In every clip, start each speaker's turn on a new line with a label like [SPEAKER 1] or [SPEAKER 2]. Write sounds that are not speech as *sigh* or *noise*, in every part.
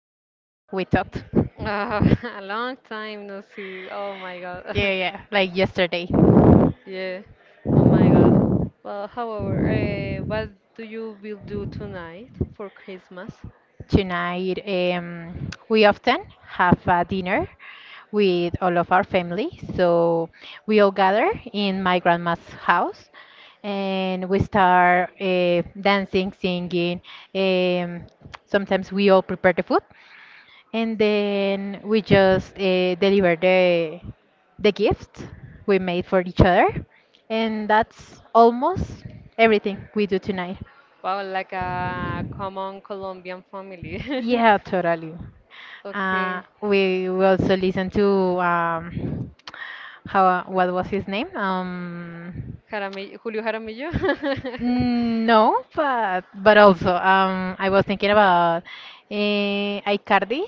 [SPEAKER 1] last time we talked.
[SPEAKER 2] *laughs* A long time no see. Oh my God.
[SPEAKER 1] Yeah, yeah, like yesterday.
[SPEAKER 2] *laughs* Yeah. Oh my God. Well, however, what do you will do tonight for Christmas?
[SPEAKER 1] Tonight, we often have a dinner with all of our family. So we all gather in my grandma's house and we start dancing, singing. Um, Sometimes we all prepare the food. And then we just deliver the gift we made for each other. And that's almost everything we do tonight.
[SPEAKER 2] Wow, like a common Colombian family.
[SPEAKER 1] Yeah,
[SPEAKER 2] *laughs*
[SPEAKER 1] totally. Uh,
[SPEAKER 2] Okay.
[SPEAKER 1] we, we also listen to um, how, what was his name?
[SPEAKER 2] Jaramillo, Julio Jaramillo? *laughs*
[SPEAKER 1] No, but also I was thinking about uh, Icardi.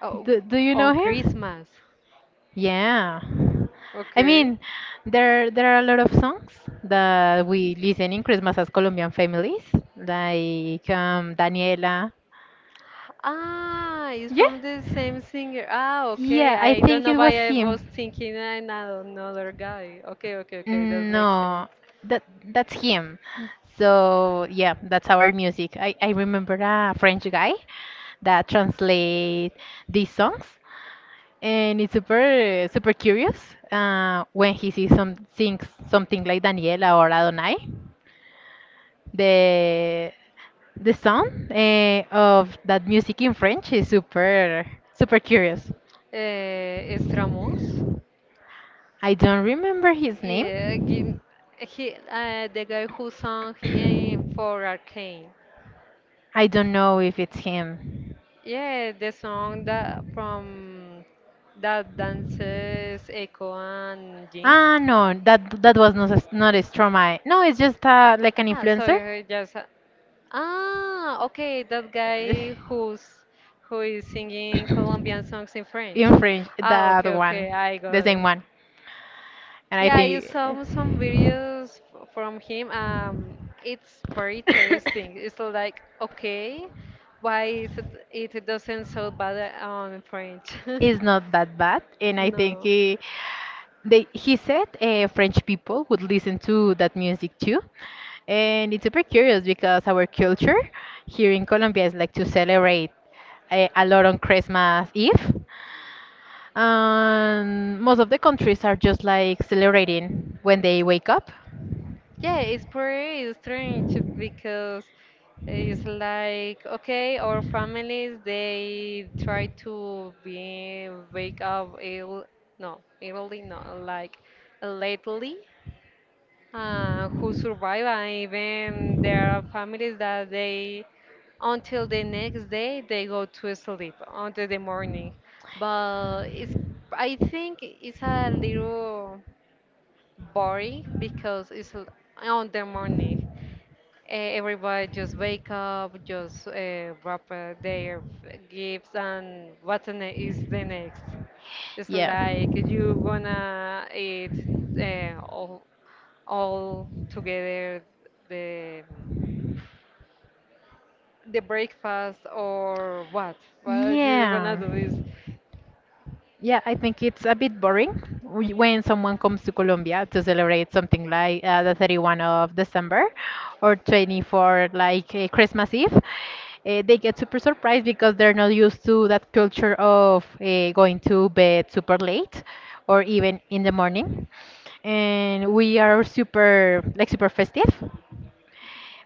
[SPEAKER 2] Oh,
[SPEAKER 1] Do you
[SPEAKER 2] on
[SPEAKER 1] know him?
[SPEAKER 2] Christmas.
[SPEAKER 1] Yeah. I
[SPEAKER 2] Okay.
[SPEAKER 1] mean, there are a lot of songs that we listen in Christmas as Colombian families, like Daniela.
[SPEAKER 2] Ah, it's
[SPEAKER 1] Yeah.
[SPEAKER 2] from the same singer. Ah, okay.
[SPEAKER 1] Yeah, I
[SPEAKER 2] I don't
[SPEAKER 1] think
[SPEAKER 2] know
[SPEAKER 1] it was
[SPEAKER 2] why I
[SPEAKER 1] him.
[SPEAKER 2] was thinking another guy. Okay, okay, okay. That makes sense.
[SPEAKER 1] No, that that's him. So yeah, that's our music. I remember a French guy that translate these songs, and it's super super curious when he sees some things, something like Daniela or Adonai. the the sound of that music in French is super super curious.
[SPEAKER 2] Stramos.
[SPEAKER 1] I don't remember his
[SPEAKER 2] Yeah, give,
[SPEAKER 1] name.
[SPEAKER 2] he, the guy who sang in, for Arcane.
[SPEAKER 1] I don't know if it's him.
[SPEAKER 2] Yeah, the song that from that dances Echo and Jinx.
[SPEAKER 1] Ah, no, that was not a, not a Stromae. No, it's just like an
[SPEAKER 2] Ah, so
[SPEAKER 1] influencer.
[SPEAKER 2] you just ah, okay, that guy
[SPEAKER 1] *coughs*
[SPEAKER 2] who's who is
[SPEAKER 1] Uh,
[SPEAKER 2] singing Colombian songs in French.
[SPEAKER 1] In French,
[SPEAKER 2] Ah,
[SPEAKER 1] that
[SPEAKER 2] okay,
[SPEAKER 1] one,
[SPEAKER 2] okay, I got
[SPEAKER 1] the
[SPEAKER 2] it.
[SPEAKER 1] same one. And I
[SPEAKER 2] Yeah, I saw some
[SPEAKER 1] think
[SPEAKER 2] videos from him. It's very interesting. It's like, okay, why is it doesn't so bad on French? *laughs*
[SPEAKER 1] it's not that bad. And I think
[SPEAKER 2] No.
[SPEAKER 1] he said French people would listen to that music too. And it's super curious because our culture here in Colombia is like to celebrate a lot on Christmas Eve. And most of the countries are just like celebrating when they wake up.
[SPEAKER 2] Yeah, it's pretty strange because it's like, okay, our families, they try to be wake up early, no, like lately. Who survive and even there are families that they until the next day they go to sleep until the morning but it's I think it's a little boring because on the morning. Everybody just wake up just wrap their gifts and what is the next. It's
[SPEAKER 1] Yeah.
[SPEAKER 2] like you gonna eat uh, all together the the breakfast or what you're gonna
[SPEAKER 1] Yeah.
[SPEAKER 2] do is
[SPEAKER 1] Yeah, I think it's a bit boring when someone comes to Colombia to celebrate something like the 31st of December or 24th, like Christmas Eve. They get super surprised because they're not used to that culture of going to bed super late or even in the morning. And we are super, like, super festive.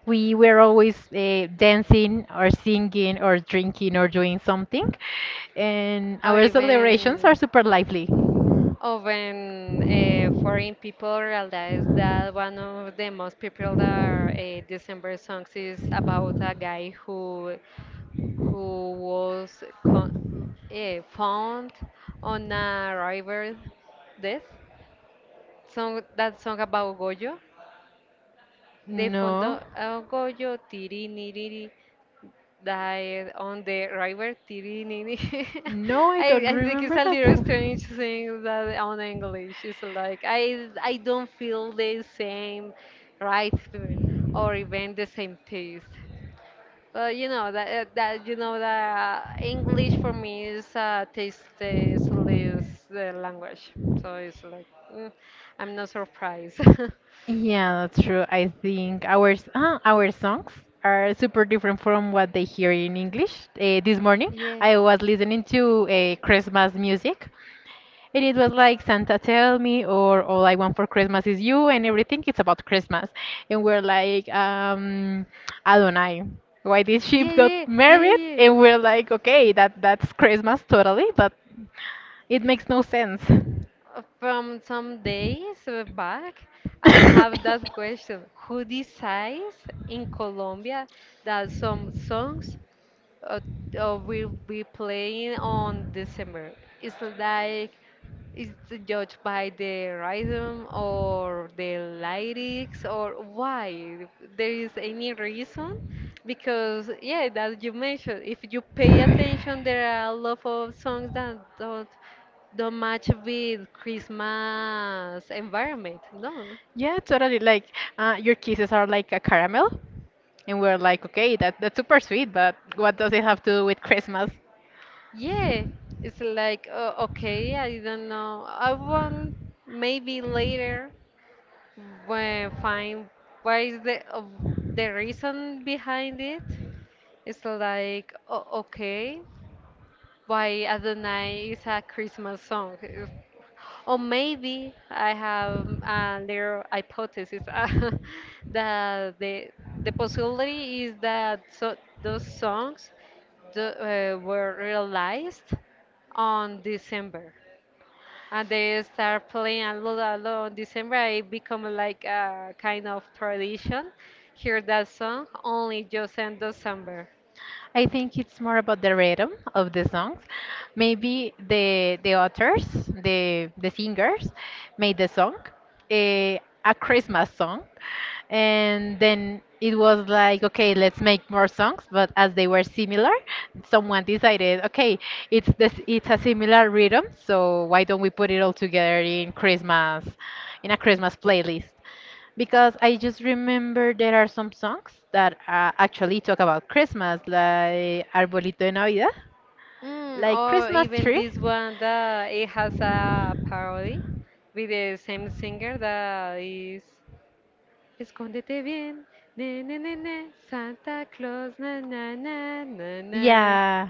[SPEAKER 1] We were always dancing or singing or drinking or doing something, and
[SPEAKER 2] or
[SPEAKER 1] our celebrations are
[SPEAKER 2] even
[SPEAKER 1] super lively.
[SPEAKER 2] even foreign people realize that one of the most popular December songs is about a guy who who was con- found on a river death song that song about Goyo. They found
[SPEAKER 1] No.
[SPEAKER 2] Goyo tiri niriri. Died on the river Tirinini.
[SPEAKER 1] No,
[SPEAKER 2] *laughs*
[SPEAKER 1] I don't
[SPEAKER 2] I think it's
[SPEAKER 1] remember
[SPEAKER 2] a
[SPEAKER 1] that
[SPEAKER 2] little strange
[SPEAKER 1] song.
[SPEAKER 2] thing that on English it's like I don't feel the same right to- or even the same taste. Well, you know that you know that English for me is a tasteless language, so it's like mm, I'm not surprised. *laughs*
[SPEAKER 1] Yeah, that's true. I think our songs are super different from what they hear in English. This morning,
[SPEAKER 2] Yeah.
[SPEAKER 1] I was listening to Christmas music, and it was like Santa Tell Me or All I Want for Christmas Is You, and everything it's about Christmas. And we're like, Adonai, why did she *laughs*
[SPEAKER 2] Yeah,
[SPEAKER 1] got
[SPEAKER 2] yeah, yeah,
[SPEAKER 1] married?
[SPEAKER 2] yeah.
[SPEAKER 1] And we're like, okay, that's Christmas totally, but it makes no sense.
[SPEAKER 2] From some days back, I have that
[SPEAKER 1] *coughs*
[SPEAKER 2] question. Who decides in Colombia that some songs uh, will be playing on December. It's not like it's judged by the rhythm or the lyrics or why there is any reason because yeah that you mentioned if you pay attention there are a lot of songs that don't match with Christmas environment no.
[SPEAKER 1] Yeah, totally. Like your kisses are like a caramel, and we're like, okay, that's super sweet, but what does it have to do with Christmas?
[SPEAKER 2] Yeah, it's like okay, I don't know. I want maybe later. Well, fine. Why is the of the reason behind it? It's like o okay, why Adonai is a Christmas song, or maybe I have a little hypothesis *laughs* that the possibility is that so those songs the, were realized on December and they start playing a lot on December. It become like a kind of tradition. Hear that song only just in December.
[SPEAKER 1] I think it's more about the rhythm of the songs. Maybe the authors, the singers, made the song, a Christmas song, and then it was like, okay, let's make more songs. But as they were similar, someone decided, okay, it's this, it's a similar rhythm, so why don't we put it all together in Christmas, in a Christmas playlist? Because I just remember there are some songs that actually talk about Christmas, like Arbolito de Navidad,
[SPEAKER 2] Mm,
[SPEAKER 1] like
[SPEAKER 2] or
[SPEAKER 1] Christmas
[SPEAKER 2] even
[SPEAKER 1] tree.
[SPEAKER 2] this one that it has a parody with the same singer that is Escóndete bien, ne ne ne ne, Santa Claus na na na na na.
[SPEAKER 1] Yeah.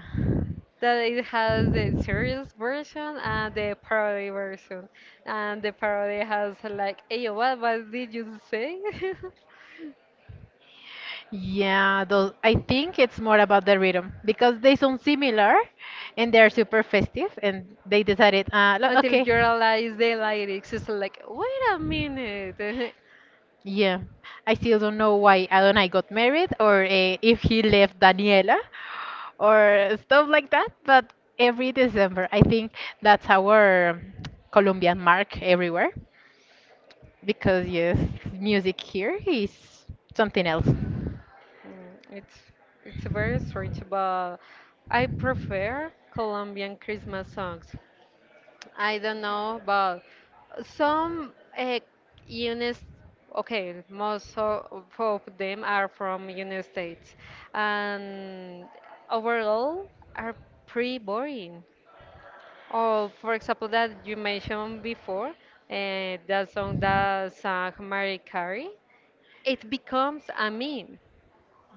[SPEAKER 2] That it has the serious version and the parody version. And the parody has like, hey, what did you say? *laughs*
[SPEAKER 1] Yeah, though I think it's more about the rhythm because they sound similar and they're super festive and they decided,
[SPEAKER 2] Until
[SPEAKER 1] okay.
[SPEAKER 2] you realize the lyrics, it's like, wait a minute. *laughs*
[SPEAKER 1] Yeah, I still don't know why Adonai got married or if he left Daniela or stuff like that. But every December, I think that's our Colombian mark everywhere because, yes, music here is something else.
[SPEAKER 2] Mm, it's very strange, but I prefer Colombian Christmas songs. I don't know, but some units, okay, most of them are from United States, and overall are pretty boring. Oh, for example, that you mentioned before, that song that sang Mariah Carey, it becomes a meme.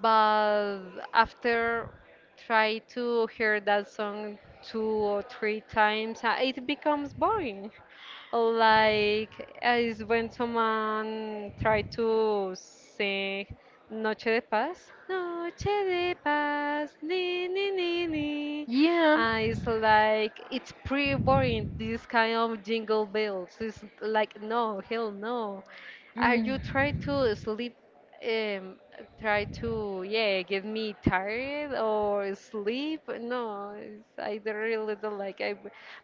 [SPEAKER 2] But after try to hear that song two or three times, it becomes boring. Like is when someone try to sing Noche de Paz. Noche de Paz, ni ni ni ni.
[SPEAKER 1] Yeah.
[SPEAKER 2] It's like it's pretty boring. This kind of jingle bells. It's like no, hell no. Are
[SPEAKER 1] Mm.
[SPEAKER 2] you trying to sleep um, try to yeah get me tired or sleep. No, it's, I don't really don't like. I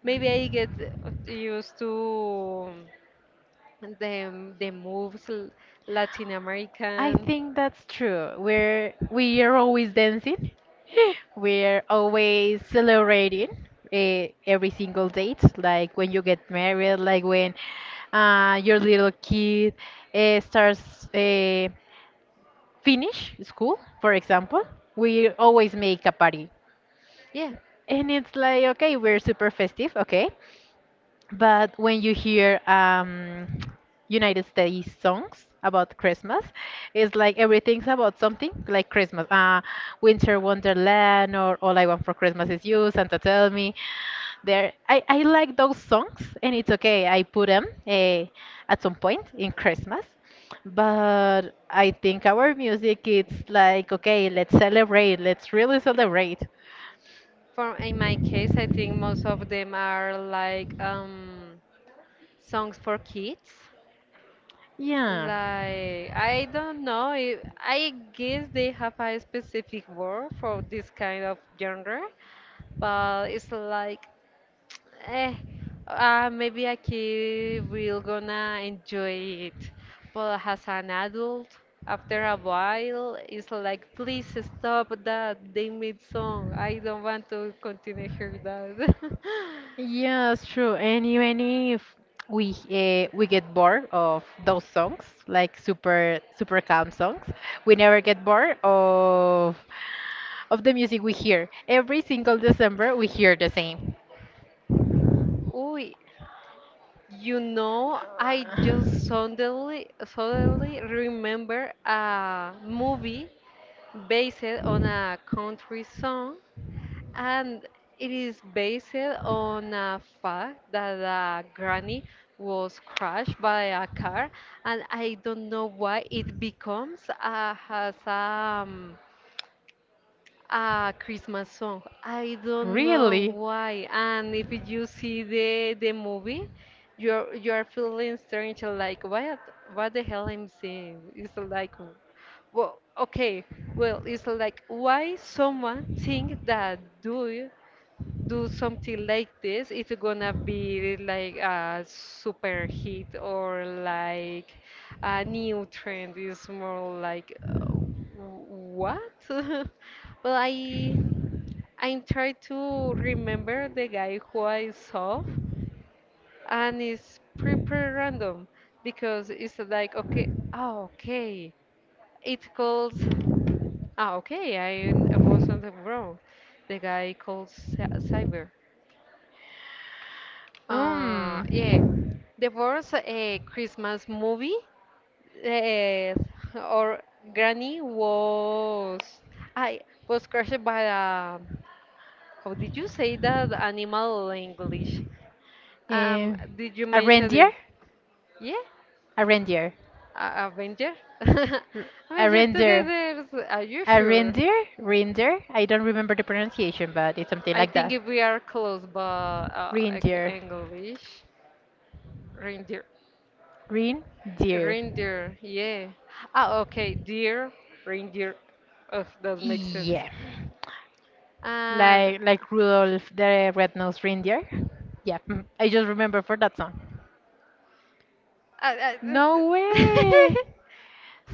[SPEAKER 2] maybe I get used to the moves Latin
[SPEAKER 1] I
[SPEAKER 2] American.
[SPEAKER 1] think that's true. We are always dancing. *gasps* *laughs* We're always celebrating every single date, like when you get married, like when your little kid starts finish school, for example. We always make a party,
[SPEAKER 2] Yeah,
[SPEAKER 1] and it's like okay, we're super festive, okay, but when you hear United States songs about Christmas, it's like everything's about something like Christmas. Winter Wonderland or All I Want for Christmas Is You, Santa Tell Me. There, I like those songs, and it's okay. I put them at some point in Christmas. But I think our music, it's like, okay, let's celebrate. Let's really celebrate.
[SPEAKER 2] for in my case, I think most of them are like songs for kids.
[SPEAKER 1] Yeah.
[SPEAKER 2] Like, I don't know. If, I guess they have a specific word for this kind of genre, but it's like, *tsk* eh, maybe a kid will gonna enjoy it, but as an adult, after a while, it's like, please stop that. They made song. I don't want to continue hear that.
[SPEAKER 1] Yeah, it's true. And even if we get bored of those songs, like super super calm songs, we never get bored of the music we hear. Every single December, we hear the same.
[SPEAKER 2] *laughs* Ooh, you know, I just suddenly remember a movie based on a country song, and it is based on a fact that a granny was crashed by a car, and I don't know why it becomes has
[SPEAKER 1] Uh,
[SPEAKER 2] a Christmas song. I don't know
[SPEAKER 1] Really?
[SPEAKER 2] why. And if you see the movie, you're feeling strange, like what the hell I'm seeing? It's like, well, okay, well, it's like why someone think that do something like this, it's gonna be like a super hit or like a new trend. Is more like what? *laughs* Well, I'm trying to remember the guy who I saw, and it's pretty random because it's like okay, oh, okay, it calls. Ah, okay, I wasn't wrong. The guy calls Cyber.
[SPEAKER 1] Um,
[SPEAKER 2] Yeah, the first Christmas movie uh, or Granny was I was crushed by a how did you say that animal in English?
[SPEAKER 1] eh,
[SPEAKER 2] Did you
[SPEAKER 1] a
[SPEAKER 2] mention it?
[SPEAKER 1] reindeer?
[SPEAKER 2] Yeah,
[SPEAKER 1] A reindeer.
[SPEAKER 2] a Avenger. *laughs*
[SPEAKER 1] A
[SPEAKER 2] Avenger
[SPEAKER 1] reindeer.
[SPEAKER 2] together. Are you
[SPEAKER 1] A
[SPEAKER 2] sure?
[SPEAKER 1] reindeer? Reindeer? I don't remember the pronunciation, but it's something
[SPEAKER 2] I
[SPEAKER 1] like
[SPEAKER 2] think
[SPEAKER 1] that.
[SPEAKER 2] if we are close, but okay,
[SPEAKER 1] Reindeer.
[SPEAKER 2] English. Reindeer.
[SPEAKER 1] Reindeer.
[SPEAKER 2] Reindeer, yeah. Ah, okay, deer, reindeer. Oh, that makes sense.
[SPEAKER 1] Yeah.
[SPEAKER 2] And
[SPEAKER 1] Like Rudolph the Red-Nosed Reindeer. Yeah, mm, I just remember for that song.
[SPEAKER 2] I,
[SPEAKER 1] No
[SPEAKER 2] I,
[SPEAKER 1] way!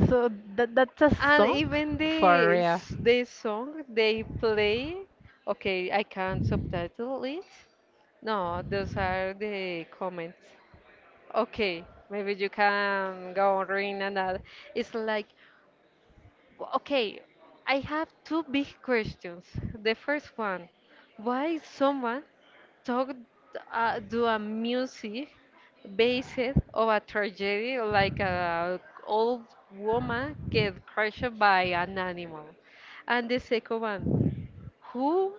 [SPEAKER 1] So that's a
[SPEAKER 2] *laughs* and
[SPEAKER 1] song?
[SPEAKER 2] even
[SPEAKER 1] For real.
[SPEAKER 2] the song they play, okay, I can't subtitle it. No, those are the comments. Okay, maybe you can go on reading another. It's like, okay, I have two big questions. The first one, why someone talk do a music based of a tragedy like a old woman get crushed by an animal and the second one who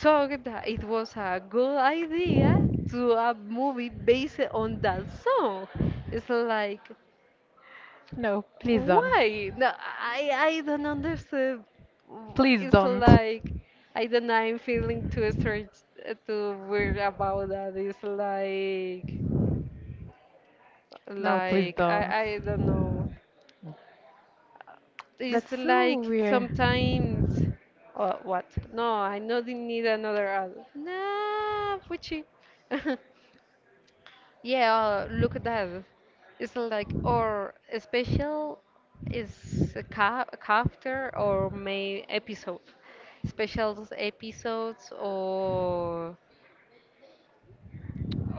[SPEAKER 2] thought that it was a good idea to a movie based on that song it's like
[SPEAKER 1] No, please don't.
[SPEAKER 2] why? No, I don't understand.
[SPEAKER 1] Please
[SPEAKER 2] It's
[SPEAKER 1] don't.
[SPEAKER 2] like I don't know. I'm feeling too strange to worry about that. It's
[SPEAKER 1] No, please
[SPEAKER 2] like I
[SPEAKER 1] don't.
[SPEAKER 2] I don't know. It's
[SPEAKER 1] That's so
[SPEAKER 2] like
[SPEAKER 1] weird.
[SPEAKER 2] sometimes. What? No, I know they need another ad. Nah, Puchi. *laughs* Yeah, look at that. It's like or a special is a ca a chapter or may episode. Special episodes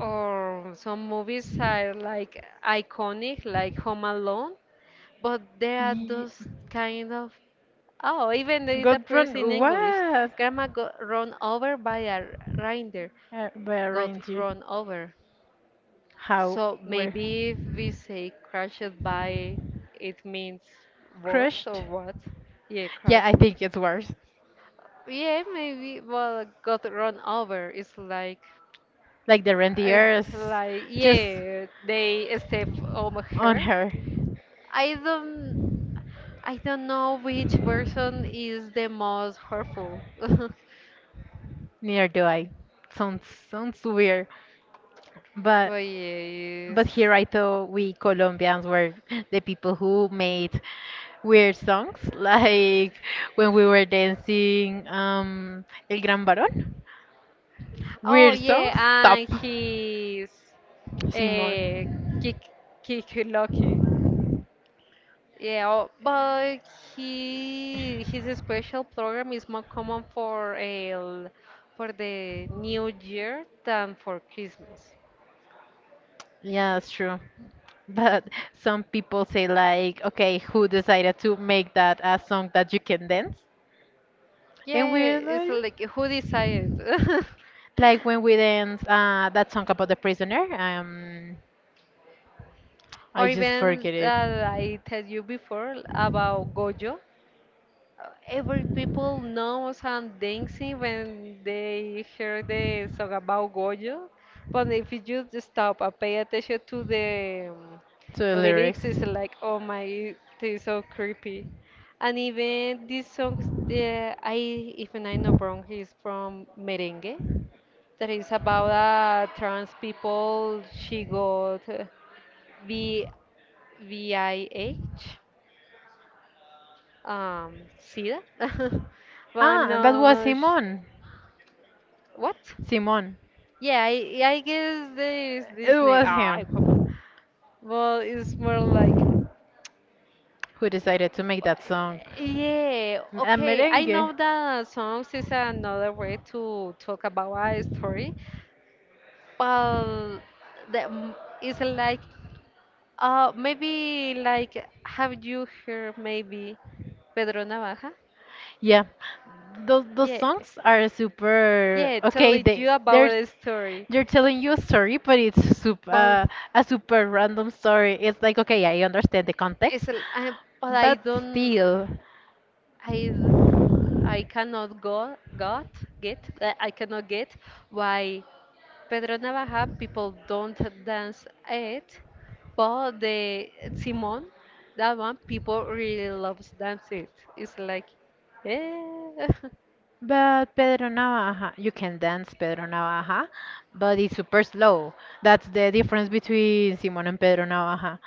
[SPEAKER 2] or some movies are like iconic, like Home Alone, but there are
[SPEAKER 1] Ye-
[SPEAKER 2] those kind of. Oh, even it
[SPEAKER 1] Got
[SPEAKER 2] appears
[SPEAKER 1] run
[SPEAKER 2] in English.
[SPEAKER 1] what?
[SPEAKER 2] Grandma got run over by a reindeer.
[SPEAKER 1] By a
[SPEAKER 2] Got
[SPEAKER 1] reindeer.
[SPEAKER 2] run over.
[SPEAKER 1] How?
[SPEAKER 2] So
[SPEAKER 1] Where?
[SPEAKER 2] maybe if we say crushed by, it means worse or
[SPEAKER 1] Crushed?
[SPEAKER 2] what? Yeah,
[SPEAKER 1] Yeah, I
[SPEAKER 2] crushed.
[SPEAKER 1] think it's worse.
[SPEAKER 2] Yeah, maybe. Well, got run over. It's like,
[SPEAKER 1] Like the
[SPEAKER 2] right,
[SPEAKER 1] reindeers
[SPEAKER 2] like
[SPEAKER 1] just
[SPEAKER 2] yeah, they step on
[SPEAKER 1] on
[SPEAKER 2] her.
[SPEAKER 1] her.
[SPEAKER 2] I don't, I don't know which version is the most hurtful. *laughs*
[SPEAKER 1] Neither do I. Sounds sounds weird, but
[SPEAKER 2] But
[SPEAKER 1] but
[SPEAKER 2] yes.
[SPEAKER 1] here I thought we Colombians were *laughs* the people who made weird songs, *laughs* like when we were dancing El Gran Varón.
[SPEAKER 2] Oh
[SPEAKER 1] Weird
[SPEAKER 2] yeah,
[SPEAKER 1] songs,
[SPEAKER 2] and
[SPEAKER 1] stop.
[SPEAKER 2] he's uh,
[SPEAKER 1] Simon.
[SPEAKER 2] kick kick lucky. Yeah, oh, but he his special program is more common for a for the New Year than for Christmas.
[SPEAKER 1] Yeah, that's true. But some people say like, okay, who decided to make that a song that you can dance? And
[SPEAKER 2] Yeah,
[SPEAKER 1] we're
[SPEAKER 2] it's
[SPEAKER 1] like,
[SPEAKER 2] like who decided? *laughs*
[SPEAKER 1] Like when we dance that song about the prisoner, I
[SPEAKER 2] Or
[SPEAKER 1] just
[SPEAKER 2] even
[SPEAKER 1] forget it.
[SPEAKER 2] that I tell you before about Gojo. Every people knows and dancing when they hear the song about Goyo, but if you just stop and pay attention to the
[SPEAKER 1] To the lyrics.
[SPEAKER 2] lyrics, it's like, oh my, it's so creepy. And even these songs, the, I even I know wrong, is from merengue. That is about a trans people. She got V V I H um SIDA, *laughs* but I'm
[SPEAKER 1] Ah, that
[SPEAKER 2] not,
[SPEAKER 1] was Simon.
[SPEAKER 2] what?
[SPEAKER 1] Simon.
[SPEAKER 2] Yeah, I guess there is
[SPEAKER 1] It
[SPEAKER 2] this name.
[SPEAKER 1] was
[SPEAKER 2] Ah, come on.
[SPEAKER 1] him
[SPEAKER 2] Well, it's more like,
[SPEAKER 1] who decided to make that song.
[SPEAKER 2] yeah,
[SPEAKER 1] A
[SPEAKER 2] okay. I
[SPEAKER 1] merengue.
[SPEAKER 2] know that songs is another way to talk about a story, but that m- it's like, maybe like, have you heard maybe Pedro Navaja?
[SPEAKER 1] Yeah, those
[SPEAKER 2] Yeah,
[SPEAKER 1] songs are super.
[SPEAKER 2] yeah,
[SPEAKER 1] Okay,
[SPEAKER 2] telling
[SPEAKER 1] they
[SPEAKER 2] you about
[SPEAKER 1] they're
[SPEAKER 2] the story,
[SPEAKER 1] they're telling you a story, but it's super
[SPEAKER 2] but.
[SPEAKER 1] a super random story. It's like okay, I understand the
[SPEAKER 2] It's
[SPEAKER 1] context,
[SPEAKER 2] l- I, but I
[SPEAKER 1] but
[SPEAKER 2] don't.
[SPEAKER 1] still.
[SPEAKER 2] I I cannot go got get. Uh, I cannot get why Pedro Navaja people don't dance it, but the Simon, that one people really loves dance it. It's like, eh. *laughs*
[SPEAKER 1] But Pedro Navaja, you can dance Pedro Navaja, but it's super slow. That's the difference between Simon and Pedro Navaja.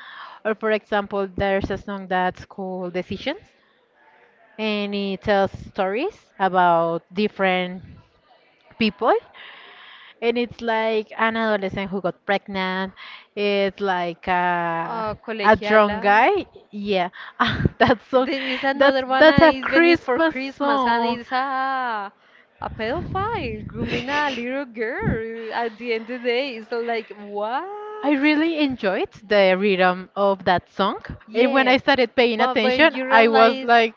[SPEAKER 1] Or for example, there's a song that's called Decisions, and it tells stories about different people and it's like an adolescent who got pregnant, it's like a drunk
[SPEAKER 2] Colegiala.
[SPEAKER 1] guy, yeah. *laughs* Ah, that song,
[SPEAKER 2] There is another one
[SPEAKER 1] that's
[SPEAKER 2] and
[SPEAKER 1] a
[SPEAKER 2] it's Venice for
[SPEAKER 1] Christmas
[SPEAKER 2] Christmas and
[SPEAKER 1] song.
[SPEAKER 2] it's a pedophile grooming a
[SPEAKER 1] *laughs*
[SPEAKER 2] little girl. At the end of the day, it's like
[SPEAKER 1] I
[SPEAKER 2] what?
[SPEAKER 1] really enjoyed the rhythm of that song. And when I
[SPEAKER 2] Yeah,
[SPEAKER 1] started paying
[SPEAKER 2] but when
[SPEAKER 1] attention,
[SPEAKER 2] you
[SPEAKER 1] I was
[SPEAKER 2] realize,
[SPEAKER 1] like,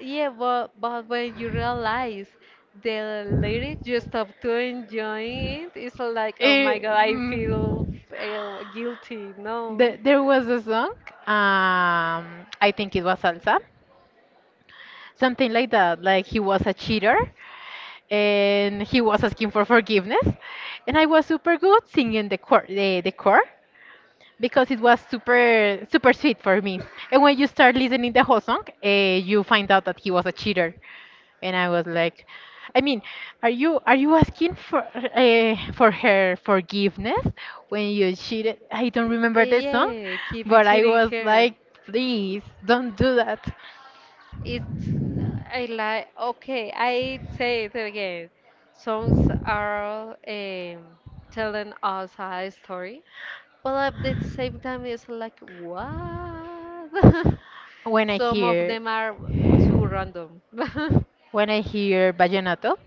[SPEAKER 2] yeah, but when you
[SPEAKER 1] *sighs*
[SPEAKER 2] realize the lyrics, you stop to enjoy it. It's like oh my
[SPEAKER 1] eh,
[SPEAKER 2] god, I feel
[SPEAKER 1] mm.
[SPEAKER 2] guilty. No.
[SPEAKER 1] There was a song, um, I think it was Salsa, something like that, like he was a cheater and he was asking for forgiveness. And I was super good singing the core, the core because it was super, super sweet for me. And when you start listening the whole song, you find out that he was a cheater. And I was like, I mean, are you asking for her forgiveness when you cheated? I don't remember the song,
[SPEAKER 2] Yeah, keep it
[SPEAKER 1] but I
[SPEAKER 2] cheating
[SPEAKER 1] was
[SPEAKER 2] here.
[SPEAKER 1] like, please don't do that.
[SPEAKER 2] It's I like okay, I say it again. Songs are telling us a story, but at the same time it's like what? *laughs*
[SPEAKER 1] When I
[SPEAKER 2] Some of
[SPEAKER 1] hear
[SPEAKER 2] them are too random. *laughs*
[SPEAKER 1] when I hear vallenato,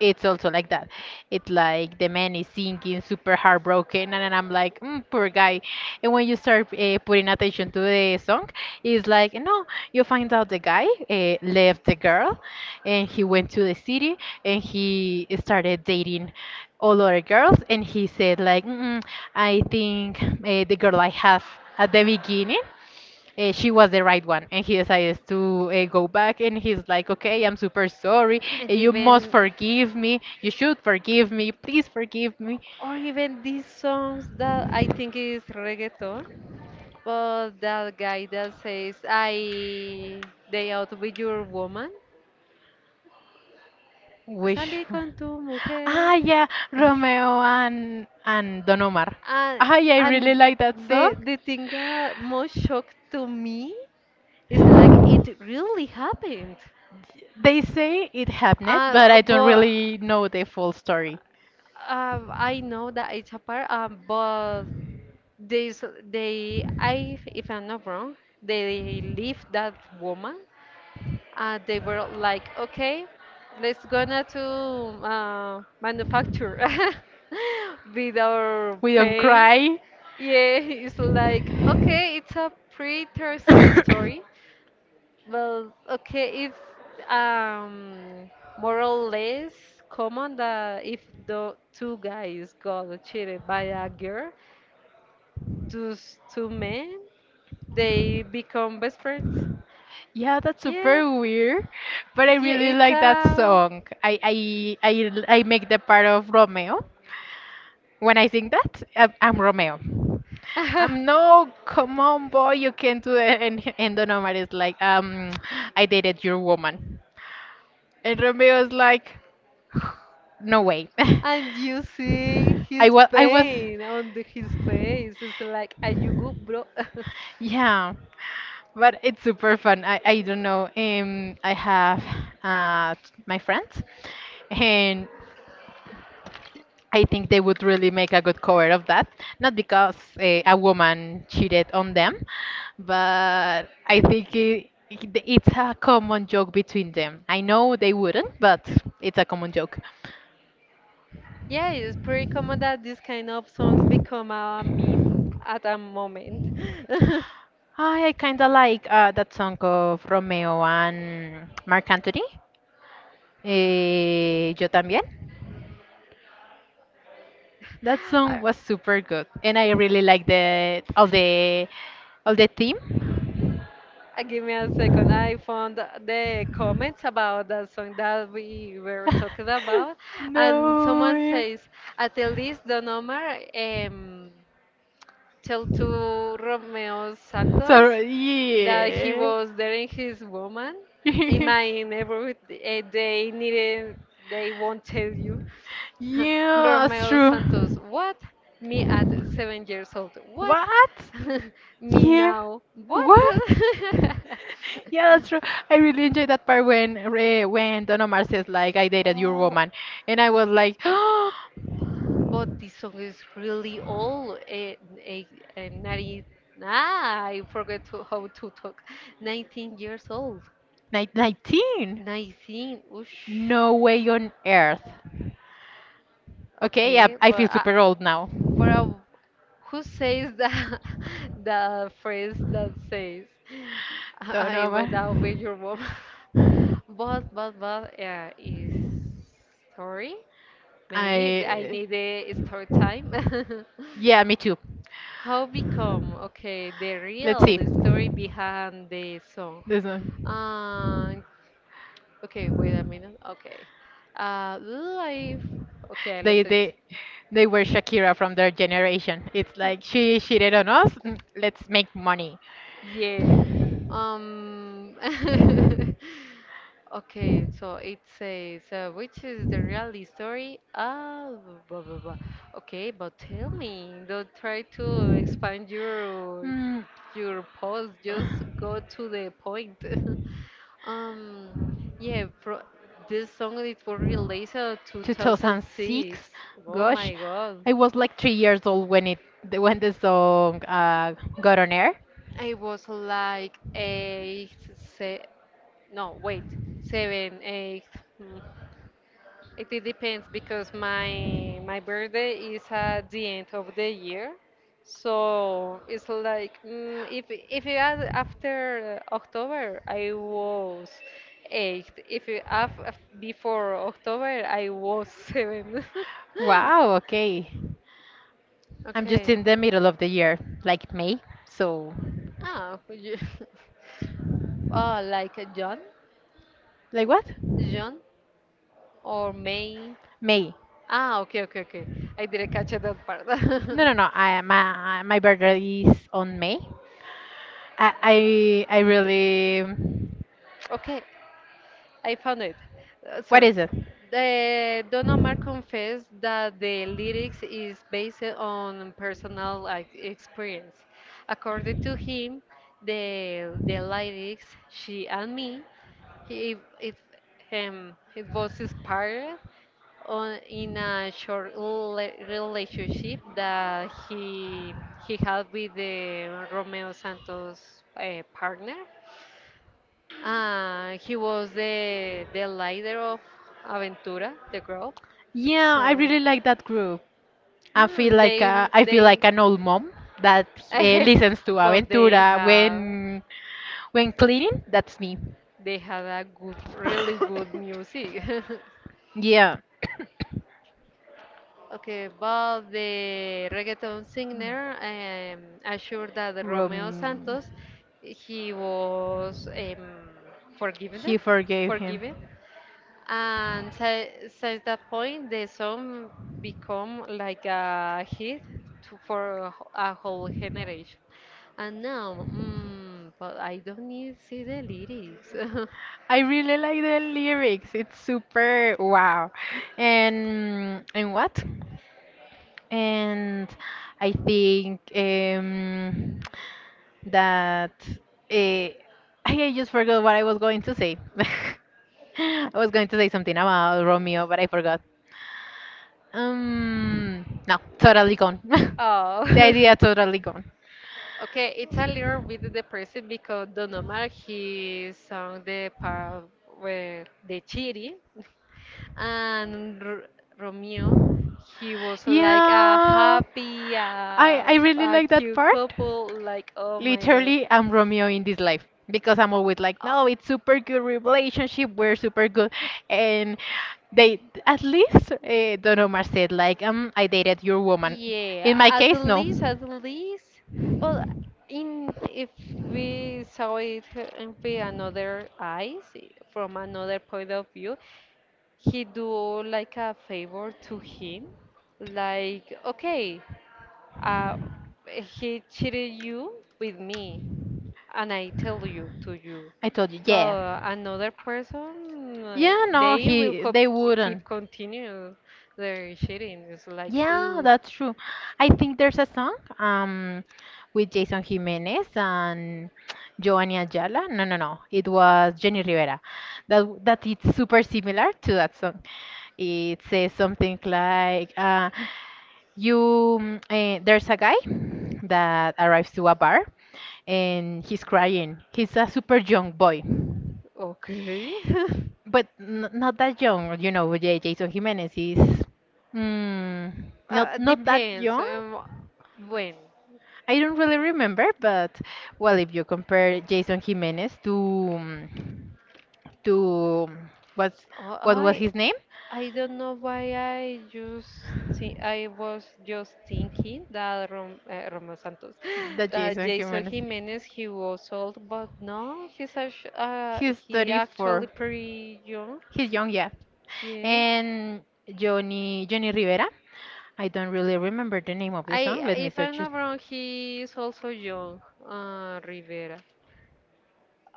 [SPEAKER 1] it's also like that. It's like the man is sinking, super heartbroken, and then I'm like, mm, poor guy. And when you start putting attention to the song, it's like, no, you find out the guy left the girl, and he went to the city, and he started dating all other girls, and he said like, mm, I think the girl I have at the beginning she was the right one and he decides to go back and he's like okay, I'm super sorry,
[SPEAKER 2] And
[SPEAKER 1] you must
[SPEAKER 2] even,
[SPEAKER 1] forgive me, you should forgive me, please forgive me.
[SPEAKER 2] or even these songs that I think is reggaeton, but that guy that says I day out with your woman,
[SPEAKER 1] Which
[SPEAKER 2] salí
[SPEAKER 1] one?
[SPEAKER 2] con tu mujer,
[SPEAKER 1] Ah yeah, Romeo and Don Omar.
[SPEAKER 2] and
[SPEAKER 1] Ah yeah, I really
[SPEAKER 2] and
[SPEAKER 1] like that song.
[SPEAKER 2] the thing that most shocked to me is like it really happened,
[SPEAKER 1] They say it happened but I don't
[SPEAKER 2] but
[SPEAKER 1] really know the full story.
[SPEAKER 2] I know that it's a part, but they I if I'm not wrong they leave that woman, they were like, okay, let's gonna to manufacture *laughs* with
[SPEAKER 1] *laughs*
[SPEAKER 2] our
[SPEAKER 1] We don't
[SPEAKER 2] paint.
[SPEAKER 1] cry. *laughs* Yes.
[SPEAKER 2] Yeah, it's like, okay, it's a pretty interesting story. Well, okay, it's um more or less common that if the two guys got cheated by a girl, those two men, they become best friends.
[SPEAKER 1] Yeah, that's
[SPEAKER 2] Yeah.
[SPEAKER 1] super weird, but I
[SPEAKER 2] Yeah,
[SPEAKER 1] really
[SPEAKER 2] it's
[SPEAKER 1] like that
[SPEAKER 2] a
[SPEAKER 1] song. I make the part of Romeo. When I sing that, I'm Romeo.
[SPEAKER 2] *laughs*
[SPEAKER 1] I'm no, come on, boy, you can do it. And Don Omar is like, I dated your woman, and Romeo is like, *sighs* no way. *laughs*
[SPEAKER 2] and you see
[SPEAKER 1] I
[SPEAKER 2] his
[SPEAKER 1] was I was,
[SPEAKER 2] pain on the, his face. It's like, are you good, bro? *laughs*
[SPEAKER 1] yeah, but it's super fun. I don't know. I have uh my friends. And I think they would really make a good cover of that. Not because a woman cheated on them, but I think it's a common joke between them. I know they wouldn't, but it's a common joke.
[SPEAKER 2] Yeah, it's pretty common that these kind of songs become a meme at a moment. *laughs*
[SPEAKER 1] I kind of like that song of Romeo and Marc Anthony. Eh, yo también. That song
[SPEAKER 2] I-
[SPEAKER 1] was super good, and I really like the all the all the theme.
[SPEAKER 2] Give me a second. I found the comments about that song that we were talking about,
[SPEAKER 1] *laughs*
[SPEAKER 2] and
[SPEAKER 1] No
[SPEAKER 2] someone
[SPEAKER 1] way.
[SPEAKER 2] says, "At least the number." Um, tell to Romeo
[SPEAKER 1] So
[SPEAKER 2] Santos that he
[SPEAKER 1] yeah.
[SPEAKER 2] was dating his woman. In my
[SPEAKER 1] *laughs*
[SPEAKER 2] neighborhood, eh, they needed, they won't tell you. *laughs*
[SPEAKER 1] Yeah, that's
[SPEAKER 2] Romeo Santos,
[SPEAKER 1] true.
[SPEAKER 2] what? Me at 7 years old, what?
[SPEAKER 1] What?
[SPEAKER 2] *laughs* Me
[SPEAKER 1] Yeah.
[SPEAKER 2] now, what?
[SPEAKER 1] What? *laughs*
[SPEAKER 2] *laughs*
[SPEAKER 1] Yeah, that's true. I really enjoyed that part when when Don Omar says like I dated your
[SPEAKER 2] Oh,
[SPEAKER 1] woman, and I was like, *gasps*
[SPEAKER 2] but this song is really old. A 90, ah, I forget to, how to talk. 19 years old.
[SPEAKER 1] "Nine- 19?
[SPEAKER 2] 19. Ush.
[SPEAKER 1] No way on earth. Okay, yeah,
[SPEAKER 2] Okay,
[SPEAKER 1] I feel super old now.
[SPEAKER 2] but I, who says that *laughs* the phrase that says *laughs* I
[SPEAKER 1] Don't
[SPEAKER 2] I
[SPEAKER 1] know. But-
[SPEAKER 2] went out with your mom? *laughs* But yeah, is story maybe I
[SPEAKER 1] I.
[SPEAKER 2] need a story time.
[SPEAKER 1] *laughs* Yeah, me too.
[SPEAKER 2] *laughs* How become okay the
[SPEAKER 1] Let's
[SPEAKER 2] real
[SPEAKER 1] see.
[SPEAKER 2] story behind the song?
[SPEAKER 1] This one.
[SPEAKER 2] Uh, okay, wait a minute. Okay, life. Okay, I
[SPEAKER 1] They
[SPEAKER 2] lost it.
[SPEAKER 1] they they were Shakira from their generation. It's like she cheated on us. Let's make money.
[SPEAKER 2] Yeah. Um, *laughs* okay, so it says, which is the reality story? Ah, blah, blah, blah. Okay, but tell me, don't try to expand
[SPEAKER 1] Hmm.
[SPEAKER 2] your post, just go to the point. *laughs* Um, yeah, pro this song it was released 2006.
[SPEAKER 1] 2006.
[SPEAKER 2] Oh
[SPEAKER 1] Gosh,
[SPEAKER 2] my God.
[SPEAKER 1] I was like 3 years old when it when the song got on air.
[SPEAKER 2] I was like eight, se no, wait, seven, eight. mm, It, it depends because my birthday is at the end of the year, so it's like if you add after October, I was eight. If you have before October, I was seven. *laughs*
[SPEAKER 1] Wow. Okay. I'm just
[SPEAKER 2] Okay.
[SPEAKER 1] in the middle of the year, like May. So,
[SPEAKER 2] Ah, *laughs* oh, like a John,
[SPEAKER 1] like what?
[SPEAKER 2] John or May.
[SPEAKER 1] May.
[SPEAKER 2] Ah, okay, okay, okay. I didn't catch that part.
[SPEAKER 1] No,
[SPEAKER 2] *laughs*
[SPEAKER 1] no, no. I my birthday is on May. I really.
[SPEAKER 2] Okay, I found it.
[SPEAKER 1] What
[SPEAKER 2] Sorry.
[SPEAKER 1] is it?
[SPEAKER 2] Don Omar confessed that the lyrics is based on personal like, experience. According to him, the lyrics "She and Me" he, it it was inspired on in a short relationship that he had with the Romeo Santos partner, he was the leader of Aventura, the group.
[SPEAKER 1] Yeah, I
[SPEAKER 2] So,
[SPEAKER 1] really like that group.
[SPEAKER 2] mm, they
[SPEAKER 1] I feel like
[SPEAKER 2] they,
[SPEAKER 1] an old mom that
[SPEAKER 2] *laughs*
[SPEAKER 1] listens to
[SPEAKER 2] but
[SPEAKER 1] Aventura when when cleaning, that's me.
[SPEAKER 2] they had a good, really good
[SPEAKER 1] *laughs*
[SPEAKER 2] music. *laughs*
[SPEAKER 1] Yeah.
[SPEAKER 2] Okay, but the reggaeton singer assured that Romeo
[SPEAKER 1] Rom-
[SPEAKER 2] Santos he was forgiven,
[SPEAKER 1] He forgave him.
[SPEAKER 2] forgiven. And since that point, the song become like a hit to, for a a whole generation. And now, mm, but I don't need to see the lyrics. *laughs*
[SPEAKER 1] I really like the lyrics. It's super wow. And what? And I think that eh, I I just forgot what I was going to say. *laughs* I was going to say something about Romeo, but I forgot. No, totally gone.
[SPEAKER 2] Oh,
[SPEAKER 1] *laughs* The
[SPEAKER 2] *laughs*
[SPEAKER 1] idea totally gone.
[SPEAKER 2] okay. It's a little bit depressing because Don Omar he sung the part where the chiri, and Romeo, he was like a
[SPEAKER 1] Yeah,
[SPEAKER 2] happy,
[SPEAKER 1] I really
[SPEAKER 2] a
[SPEAKER 1] like that
[SPEAKER 2] cute
[SPEAKER 1] part.
[SPEAKER 2] couple. Like, oh my god.
[SPEAKER 1] Literally, I'm Romeo in this life because I'm always like,
[SPEAKER 2] Oh,
[SPEAKER 1] no, it's super good relationship. We're super good, and they at least Don Omar said like, I dated your woman. In
[SPEAKER 2] yeah,
[SPEAKER 1] my
[SPEAKER 2] at
[SPEAKER 1] case, no.
[SPEAKER 2] least, at least. Well, in if we saw it with another eyes, from another point of view, he do like a favor to him. Like, okay. Uh, he cheated you with me, and I tell you to you.
[SPEAKER 1] I told you, yeah.
[SPEAKER 2] But another person,
[SPEAKER 1] Yeah, no,
[SPEAKER 2] they will
[SPEAKER 1] he
[SPEAKER 2] cop
[SPEAKER 1] they wouldn't.
[SPEAKER 2] keep continue their cheating. It's like,
[SPEAKER 1] Yeah,
[SPEAKER 2] ooh,
[SPEAKER 1] that's true. I think there's a song with Jason Jimenez and Giovanni Ayala. No, no, no. It was Jenny Rivera. That it's super similar to that song. It says something like you there's a guy that arrives to a bar and he's crying. He's a super young boy.
[SPEAKER 2] okay.
[SPEAKER 1] But n not that young, you know, Jason Jimenez is mm,
[SPEAKER 2] *laughs*
[SPEAKER 1] not that
[SPEAKER 2] Depends
[SPEAKER 1] young.
[SPEAKER 2] when.
[SPEAKER 1] I don't really remember, but well, if you compare Jason Jimenez to to um, what's
[SPEAKER 2] Oh,
[SPEAKER 1] what was his name?
[SPEAKER 2] I don't know why I just think I was just thinking that Roman Santos,
[SPEAKER 1] The
[SPEAKER 2] *gasps* that
[SPEAKER 1] Jason
[SPEAKER 2] Jason
[SPEAKER 1] Jimenez.
[SPEAKER 2] Jimenez he was old, but no,
[SPEAKER 1] He's
[SPEAKER 2] he actually
[SPEAKER 1] 34.
[SPEAKER 2] pretty young.
[SPEAKER 1] He's young, yeah.
[SPEAKER 2] Yeah.
[SPEAKER 1] And Johnny Rivera. I don't really remember the name of
[SPEAKER 2] I
[SPEAKER 1] the song. Let me
[SPEAKER 2] if I'm
[SPEAKER 1] search it.
[SPEAKER 2] not wrong, he is also young. Rivera.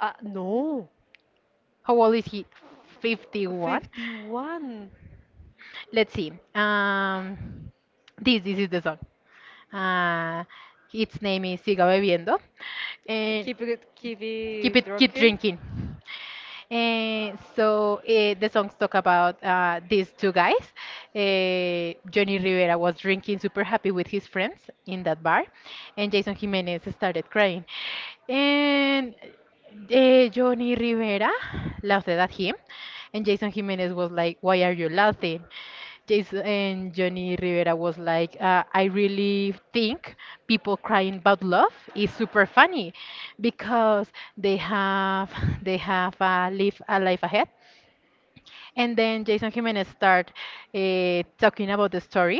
[SPEAKER 2] No,
[SPEAKER 1] How old is he? 51.
[SPEAKER 2] 51.
[SPEAKER 1] Let's see. This is the song. Uh, its name is Siga Bebiendo. And
[SPEAKER 2] Keep
[SPEAKER 1] keep it
[SPEAKER 2] it
[SPEAKER 1] keep
[SPEAKER 2] rocking.
[SPEAKER 1] drinking and so the songs talk about these two guys. Johnny Rivera was drinking super happy with his friends in that bar, and Jason Jimenez started crying, and Johnny Rivera laughed at him, and Jason Jimenez was like, why are you laughing? Yes, and Johnny Rivera was like, I really think people crying about love is super funny because they have *laughs* they have live a life ahead. And then Jason Jimenez start talking about the story,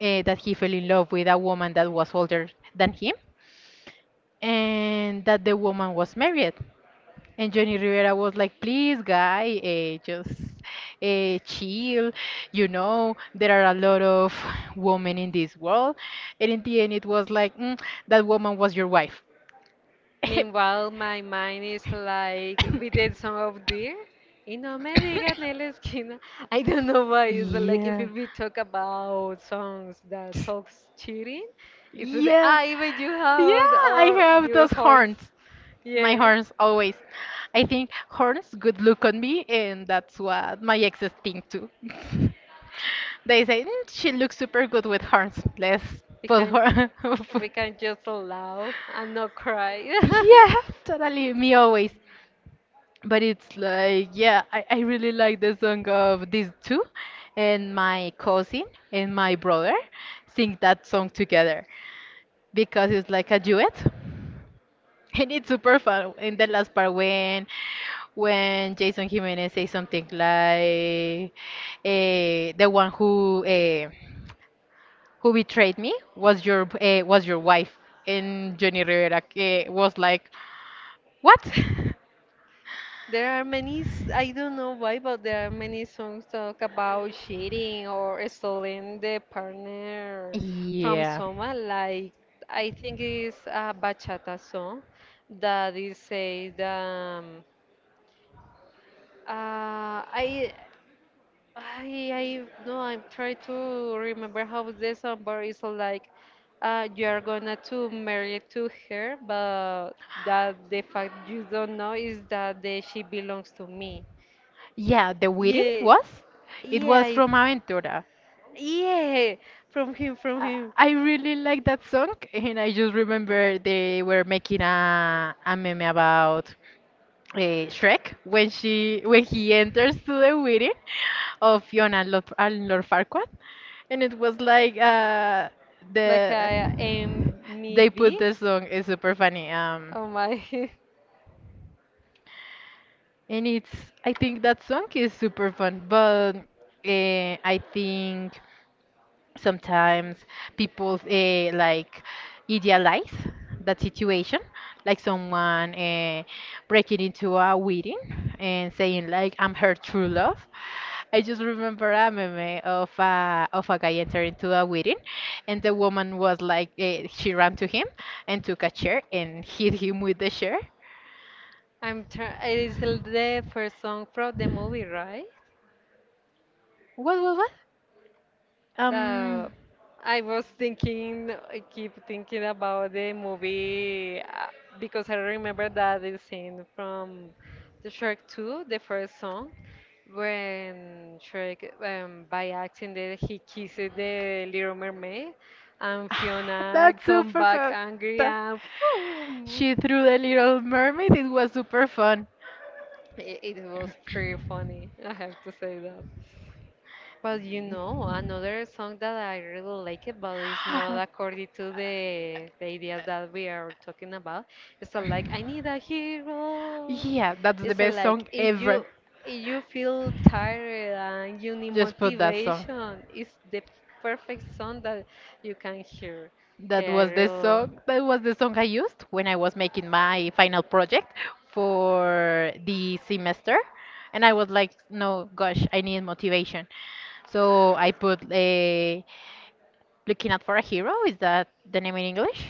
[SPEAKER 1] that he fell in love with a woman that was older than him, and that the woman was married, and Johnny Rivera was like, please, guy, chill. You know, there are a lot of women in this world. And in the end, it was like, that woman was your wife.
[SPEAKER 2] Meanwhile,
[SPEAKER 1] *laughs*
[SPEAKER 2] my mind is like with the song of Dear. Y no me digan en la esquina. I don't know why. It's like if
[SPEAKER 1] Yeah.
[SPEAKER 2] we talk about songs that talks cheating, it's the
[SPEAKER 1] Yeah.
[SPEAKER 2] I even you have
[SPEAKER 1] Yeah, I
[SPEAKER 2] or
[SPEAKER 1] have
[SPEAKER 2] your
[SPEAKER 1] those
[SPEAKER 2] horse.
[SPEAKER 1] horns. My
[SPEAKER 2] Yeah.
[SPEAKER 1] horns always. I think horns good look on me, and that's what my exes think too. *laughs* They say, "Mm, she looks super good with horns. Let's
[SPEAKER 2] We
[SPEAKER 1] put
[SPEAKER 2] can
[SPEAKER 1] her." *laughs*
[SPEAKER 2] we can just laugh and not cry. *laughs*
[SPEAKER 1] Yeah, totally. Me always. But it's like, yeah, I really like the song of these two, and my cousin and my brother sing that song together because it's like a duet. *laughs* And it's super fun. In the last part, when Jason Jimenez says something like, "The one who betrayed me was was your wife," and Johnny Rivera was like, "What?"
[SPEAKER 2] There are many, I don't know why, but there are many songs talk about cheating or stealing the
[SPEAKER 1] *laughs*
[SPEAKER 2] partner from
[SPEAKER 1] Yeah,
[SPEAKER 2] someone. Like, I think it's a bachata song that it says uh, I, no, I'm trying to remember how the song, but it's like, you are gonna to marry to her, but that the fact you don't know is that the, she belongs to me.
[SPEAKER 1] yeah. The
[SPEAKER 2] Yeah,
[SPEAKER 1] wedding was, it
[SPEAKER 2] yeah,
[SPEAKER 1] was yes, from Aventura.
[SPEAKER 2] yeah. From him, from him.
[SPEAKER 1] I really like that song, and I just remember they were making a meme about Shrek when she when he enters to the wedding of Fiona and Lord Farquaad, and it was like
[SPEAKER 2] Like
[SPEAKER 1] the
[SPEAKER 2] I am me
[SPEAKER 1] they put
[SPEAKER 2] be.
[SPEAKER 1] the song. Is super funny.
[SPEAKER 2] Oh my. *laughs*
[SPEAKER 1] And it's I think that song is super fun, but I think sometimes people like idealize that situation, like someone breaking into a wedding and saying like, I'm her true love. I just remember a meme of of a guy entering to a wedding, and the woman was like she ran to him and took a chair and hit him with the chair.
[SPEAKER 2] I'm trying. It is the first song from the movie, right?
[SPEAKER 1] What
[SPEAKER 2] Uh,
[SPEAKER 1] um
[SPEAKER 2] I was thinking, I keep thinking about the movie because I remember that the scene from the Shark 2, the first song. When Shrek, by accident, he kisses the Little Mermaid, and
[SPEAKER 1] *sighs*
[SPEAKER 2] Fiona
[SPEAKER 1] that's
[SPEAKER 2] come
[SPEAKER 1] super
[SPEAKER 2] back
[SPEAKER 1] fun.
[SPEAKER 2] angry and boom.
[SPEAKER 1] She threw the little mermaid. It was super fun.
[SPEAKER 2] It was pretty funny, *laughs* I have to say that. But you know,
[SPEAKER 1] *gasps*
[SPEAKER 2] another song that I really like it, but it's not according to the ideas that we are talking about. It's a, like, I need a hero.
[SPEAKER 1] Yeah, that's the
[SPEAKER 2] It's
[SPEAKER 1] best
[SPEAKER 2] like
[SPEAKER 1] song ever.
[SPEAKER 2] if you feel tired and you need
[SPEAKER 1] Just put that song.
[SPEAKER 2] motivation, it's the perfect song that you can hear.
[SPEAKER 1] That
[SPEAKER 2] Okay, I
[SPEAKER 1] was the
[SPEAKER 2] really,
[SPEAKER 1] song. That was the song I used when I was making my final project for the semester, and I was like, "No, gosh, I need motivation." So I put a Looking Out for a Hero, is that the name in English?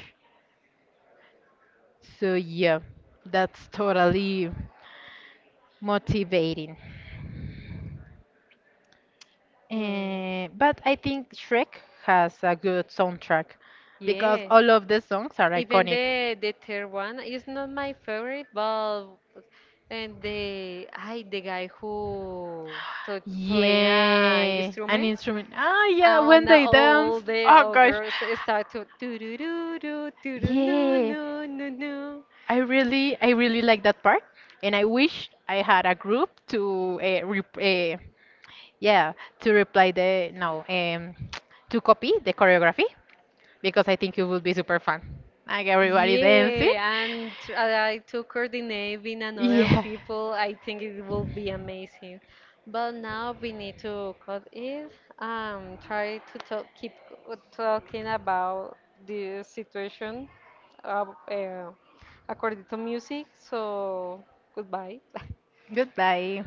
[SPEAKER 1] So yeah, that's totally motivating.
[SPEAKER 2] mm,
[SPEAKER 1] But I think Shrek has a good soundtrack because
[SPEAKER 2] yeah.
[SPEAKER 1] all of the songs are
[SPEAKER 2] Even
[SPEAKER 1] iconic.
[SPEAKER 2] the third one is not my favorite, but and the I the guy who to play an
[SPEAKER 1] Yeah, an
[SPEAKER 2] instrument.
[SPEAKER 1] instrument. Ah, yeah,
[SPEAKER 2] Oh, and
[SPEAKER 1] when
[SPEAKER 2] now
[SPEAKER 1] they
[SPEAKER 2] all
[SPEAKER 1] dance.
[SPEAKER 2] the
[SPEAKER 1] Oh gosh.
[SPEAKER 2] ogres start to do do do do do do no
[SPEAKER 1] Yeah.
[SPEAKER 2] no no no.
[SPEAKER 1] I really like that part, and I wish I had a group to yeah, to reply the no, *tsk* to copy the choreography, because I think it would be super fun. Like everybody dancing.
[SPEAKER 2] Yeah, and I to coordinate with another
[SPEAKER 1] Yeah.
[SPEAKER 2] people, I think it will be amazing. But now we need to cut it. Try to talk, keep talking about the situation, uh, uh, according to music. So goodbye. *laughs*
[SPEAKER 1] Goodbye.